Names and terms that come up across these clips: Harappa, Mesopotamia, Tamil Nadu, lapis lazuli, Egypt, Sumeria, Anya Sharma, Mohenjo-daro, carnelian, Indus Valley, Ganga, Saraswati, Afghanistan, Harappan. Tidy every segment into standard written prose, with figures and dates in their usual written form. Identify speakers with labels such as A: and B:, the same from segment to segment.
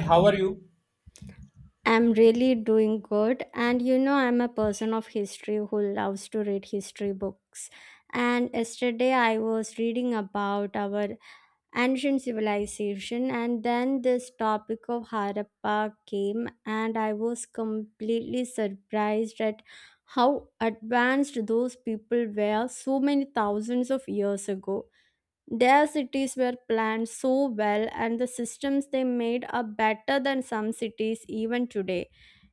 A: How are you?
B: I'm really doing good. And you know, I'm a person of history who loves to read history books. And yesterday I was reading about our ancient civilization, and then this topic of Harappa came, and I was completely surprised at how advanced those people were so many thousands of years ago. Their cities were planned so well, and the systems they made are better than some cities even today.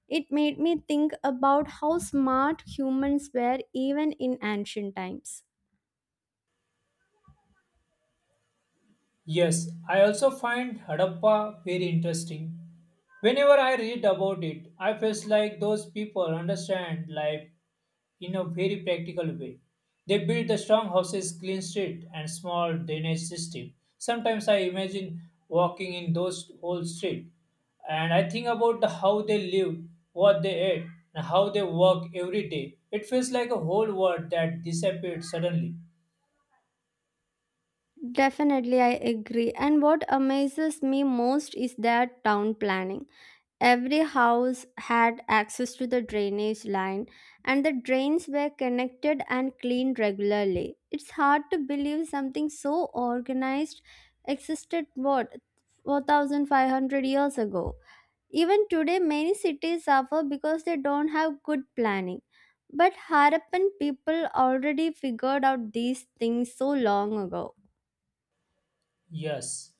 B: It made me think about how smart humans were even in ancient times.
A: Yes, I also find Harappa very interesting. Whenever I read about it, I feel like those people understand life in a very practical way. They build the strong houses, clean street, and small drainage system. Sometimes I imagine walking in those whole street, and I think about the, how they live, what they eat, and how they work every day. It feels like a whole world that disappeared suddenly.
B: Definitely, I agree. And what amazes me most is their town planning. Every house had access to the drainage line, and the drains were connected and cleaned regularly. It's hard to believe something so organized existed, what, 4,500 years ago. Even today, many cities suffer because they don't have good planning. But Harappan people already figured out these things so long ago.
A: Yes.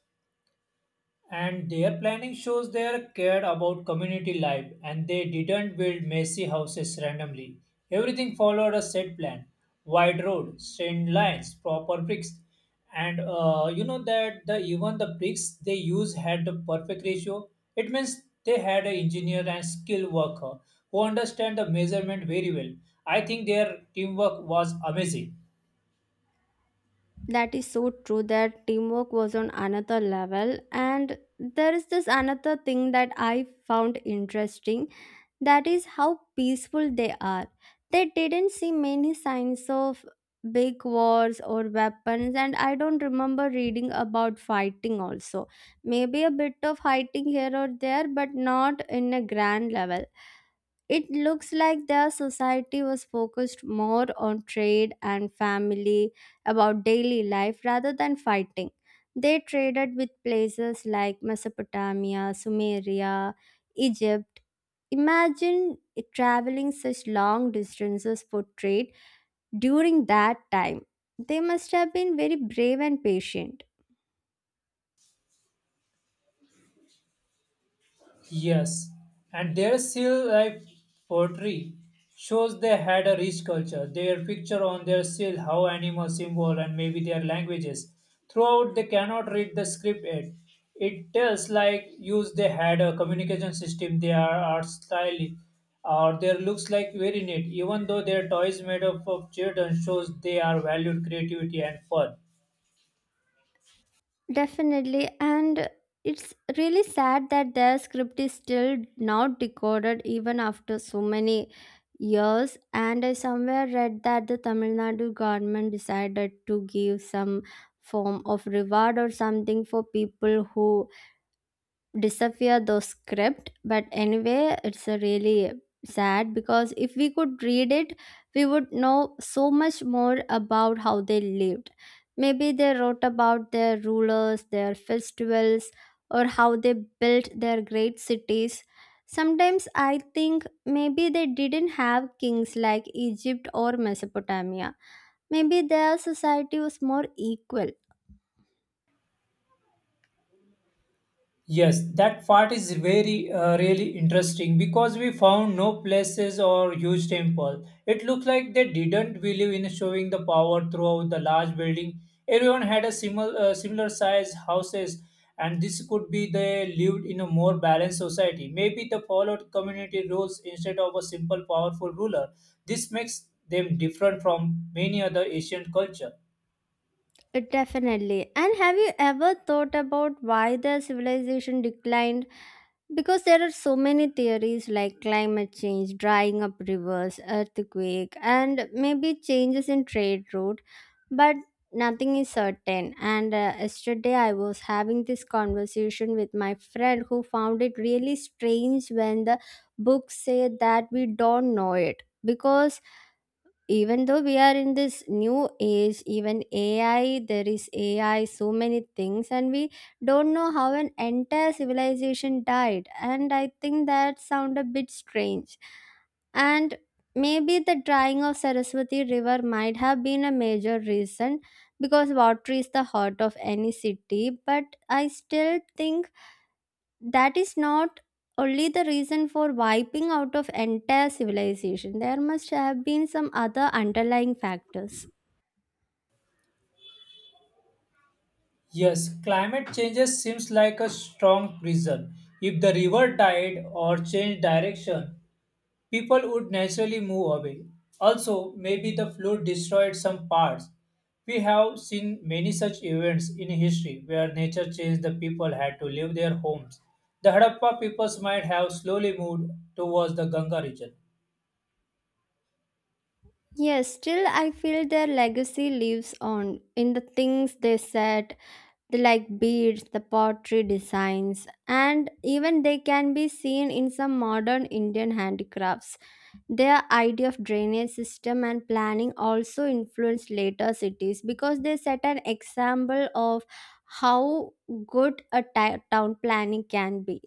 A: And their planning shows they cared about community life, and they didn't build messy houses randomly. Everything followed a set plan, wide road, straight lines, proper bricks. And You know that the even the bricks they use had the perfect ratio. It means they had an engineer and skilled worker who understand the measurement very well. I think their teamwork was amazing.
B: That is so true. Their teamwork was on another level. And there is this another thing that I found interesting. That is how peaceful they are. They didn't see many signs of big wars or weapons, and I don't remember reading about fighting also. Maybe a bit of fighting here or there, but not in a grand level. It looks like their society was focused more on trade and family, about daily life rather than fighting. They traded with places like Mesopotamia, Sumeria, Egypt. Imagine traveling such long distances for trade during that time. They must have been very brave and patient.
A: Yes, and their seal life poetry shows they had a rich culture. Their picture on their seal, how animal symbol and maybe their languages. Throughout they cannot read the script yet. It tells like use they had a communication system. They are art style or their looks like very neat. Even though their toys made up of children shows they are valued creativity and fun.
B: Definitely, and it's really sad that their script is still not decoded even after so many years. And I somewhere read that the Tamil Nadu government decided to give some form of reward or something for people who disappear those script, but anyway, it's a really sad because if we could read it, we would know so much more about how they lived. Maybe they wrote about their rulers, their festivals, or how they built their great cities. Sometimes I think maybe they didn't have kings like Egypt or Mesopotamia. Maybe their society was more equal.
A: Yes, that part is very really interesting because we found no places or huge temple. It looked like they didn't believe in showing the power throughout the large building. Everyone had a similar size houses, and this could be they lived in a more balanced society. Maybe they followed community rules instead of a simple powerful ruler. This makes them different from many other Asian culture.
B: Definitely. And have you ever thought about why the civilization declined? Because there are so many theories like climate change, drying up rivers, earthquake, and maybe changes in trade route, but nothing is certain. And yesterday I was having this conversation with my friend who found it really strange when the books say that we don't know it, because even though we are in this new age, even AI, there is AI so many things, and we don't know how an entire civilization died. And I think that sound a bit strange. And maybe the drying of Saraswati river might have been a major reason, because water is the heart of any city. But I still think that is not only the reason for wiping out of entire civilization. There must have been some other underlying factors.
A: Yes, climate changes seems like a strong reason. If the river died or changed direction, people would naturally move away. Also, maybe the flood destroyed some parts. We have seen many such events in history where nature changed the people had to leave their homes. The Harappa peoples might have slowly moved towards the Ganga region.
B: Yes, still I feel their legacy lives on in the things they said, the like beads, the pottery designs, and even they can be seen in some modern Indian handicrafts. Their idea of drainage system and planning also influenced later cities because they set an example of how good a town planning can be.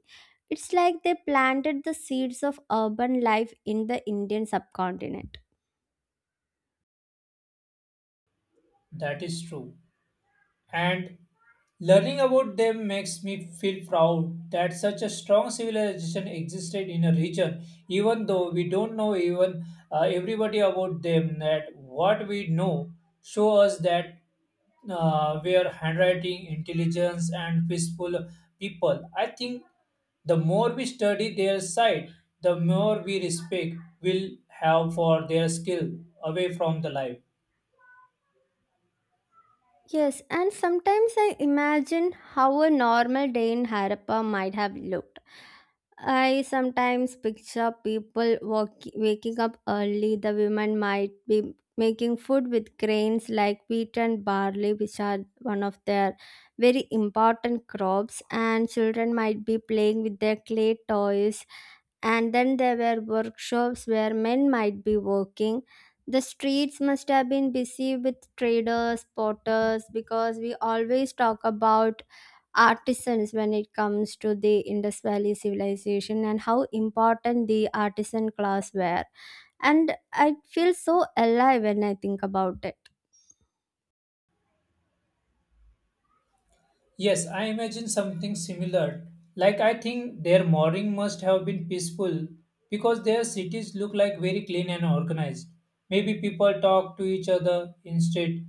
B: It's like they planted the seeds of urban life in the Indian subcontinent.
A: That is true. And learning about them makes me feel proud that such a strong civilization existed in a region, even though we don't know even everybody about them. That what we know show us that where handwriting intelligence and peaceful people, I think the more we study their side, the more we respect will have for their skill away from the life.
B: Yes, and sometimes I imagine how a normal day in Harappa might have looked. I sometimes picture people waking up early. The women might be making food with grains like wheat and barley, which are one of their very important crops, and children might be playing with their clay toys. And then there were workshops where men might be working. The streets must have been busy with traders, potters, because we always talk about artisans when it comes to the Indus Valley civilization and how important the artisan class were. And I feel so alive when I think about it.
A: Yes, I imagine something similar. Like I think their morning must have been peaceful because their cities look like very clean and organized. Maybe people talk to each other instead.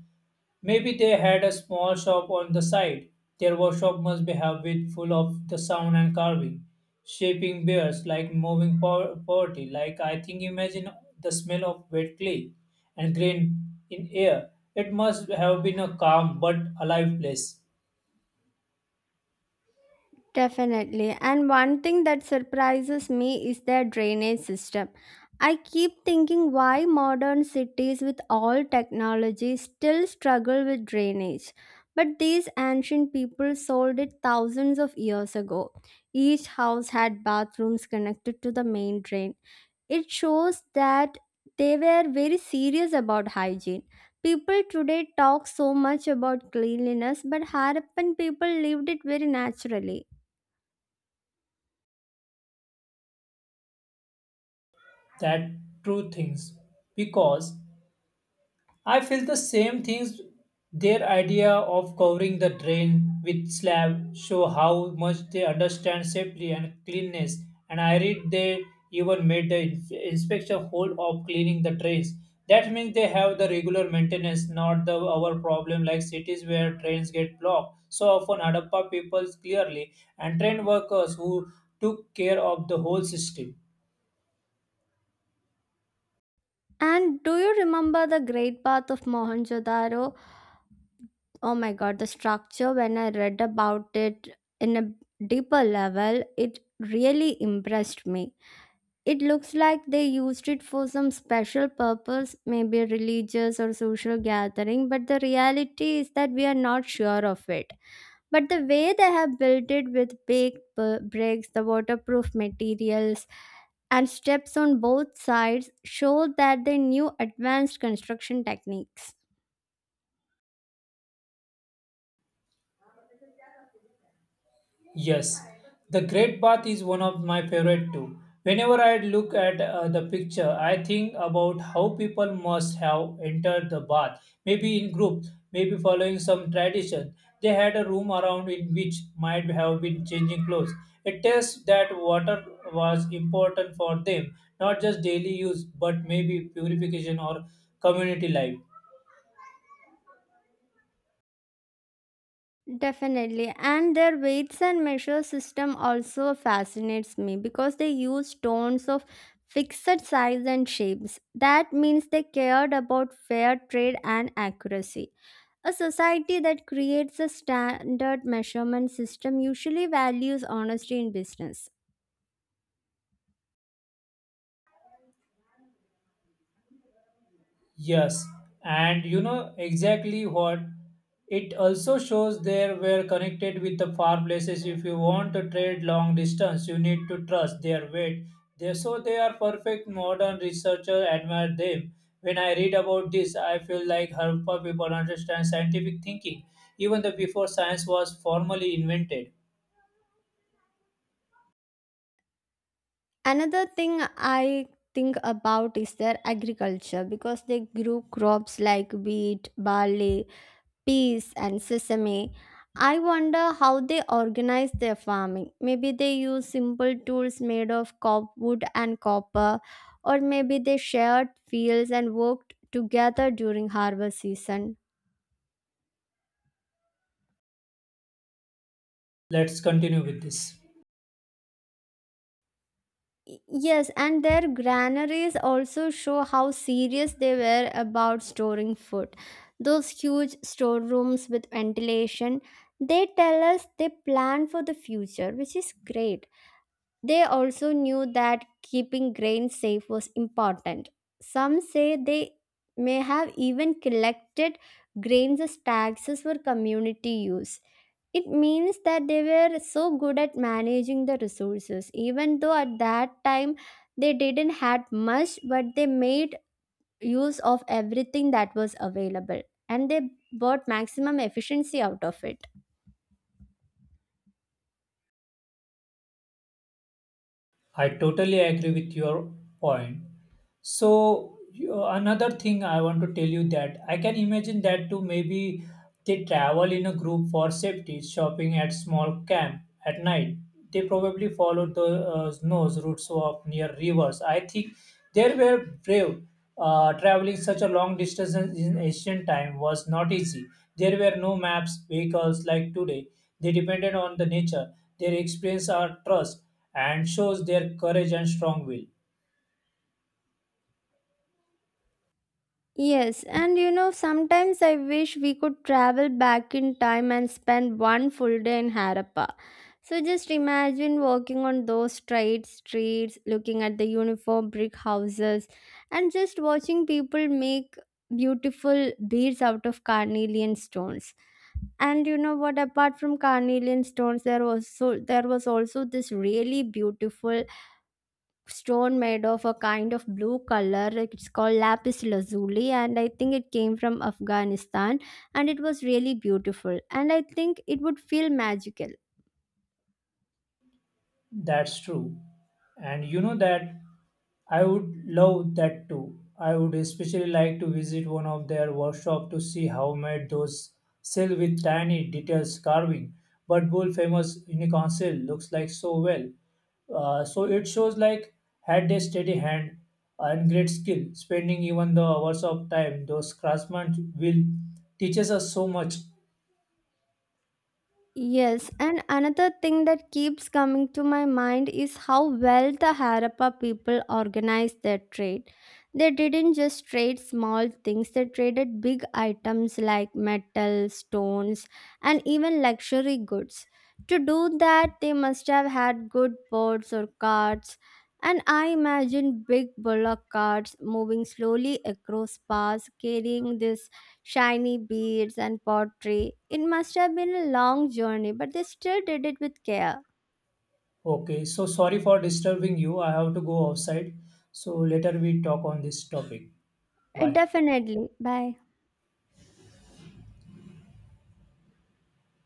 A: Maybe they had a small shop on the side. Their workshop must be have it full of the sound and carving, shaping bears like poverty. Like I think imagine the smell of wet clay and grain in air. It must have been a calm but alive place.
B: Definitely. And one thing that surprises me is their drainage system. I keep thinking why modern cities with all technology still struggle with drainage. But these ancient people solved it thousands of years ago. Each house had bathrooms connected to the main drain. It shows that they were very serious about hygiene. People today talk so much about cleanliness, but Harappan people lived it very naturally.
A: That true things because I feel the same things. Their idea of covering the drain with slab show how much they understand safety and cleanness, and I read they even made the inspection whole of cleaning the drains. That means they have the regular maintenance, not the our problem like cities where trains get blocked. So often Hadappa people clearly and train workers who took care of the whole system.
B: And do you remember the Great Bath of Mohenjo-daro? Oh my god, the structure when I read about it in a deeper level, it really impressed me. It looks like they used it for some special purpose, maybe religious or social gathering, but the reality is that we are not sure of it. But the way they have built it with baked bricks, the waterproof materials, and steps on both sides show that they knew advanced construction techniques.
A: Yes, the Great Bath is one of my favorite too. Whenever I look at the picture, I think about how people must have entered the bath, maybe in groups, maybe following some tradition. They had a room around in which might have been changing clothes. It tells that water was important for them, not just daily use, but maybe purification or community life.
B: Definitely. And their weights and measure system also fascinates me because they use stones of fixed size and shapes. That means they cared about fair trade and accuracy. A society that creates a standard measurement system usually values honesty in business.
A: Yes, and you know exactly what? It also shows they were connected with the far places. If you want to trade long distance, you need to trust their weight. They, so they are perfect modern researchers admire them. When I read about this, I feel like Harappa people understand scientific thinking, even though before science was formally invented.
B: Another thing I think about is their agriculture because they grew crops like wheat, barley, peas and sesame. I wonder how they organize their farming. Maybe they use simple tools made of wood and copper, or maybe they shared fields and worked together during harvest season.
A: Let's continue with this.
B: Y- Yes, and their granaries also show how serious they were about storing food. Those huge storerooms with ventilation, they tell us they plan for the future, which is great. They also knew that keeping grains safe was important. Some say they may have even collected grains as taxes for community use. It means that they were so good at managing the resources, even though at that time they didn't had much, but they made use of everything that was available, and they brought maximum efficiency out of it.
A: I totally agree with your point. So another thing I want to tell you that I can imagine that too. Maybe they travel in a group for safety, shopping at small camp at night. They probably followed the nose routes of near rivers. I think they were brave. Traveling such a long distance in ancient time was not easy. There were no maps, vehicles like today. They depended on the nature. Their experience are trust and shows their courage and strong will.
B: Yes, and you know, sometimes I wish we could travel back in time and spend one full day in Harappa. So just imagine walking on those straight streets, looking at the uniform brick houses, and just watching people make beautiful beads out of carnelian stones. And you know what? Apart from carnelian stones, there was also this really beautiful stone made of a kind of blue color. It's called lapis lazuli, and I think it came from Afghanistan. And it was really beautiful, and I think it would feel magical.
A: That's true. And you know that I would love that too. I would especially like to visit one of their workshop to see how made those sail with tiny details carving. But bull famous unicorn sail looks like so well. So it shows like had a steady hand and great skill, spending even the hours of time those craftsmen will teaches us so much.
B: Yes, and another thing that keeps coming to my mind is how well the Harappa people organized their trade. They didn't just trade small things, they traded big items like metal, stones, and even luxury goods. To do that, they must have had good boats or carts. And I imagine big bullock carts moving slowly across paths, carrying this shiny beads and pottery. It must have been a long journey, but they still did it with care.
A: Okay, so sorry for disturbing you. I have to go outside. So later we talk on this topic.
B: It
A: Bye.
B: definitely. Bye.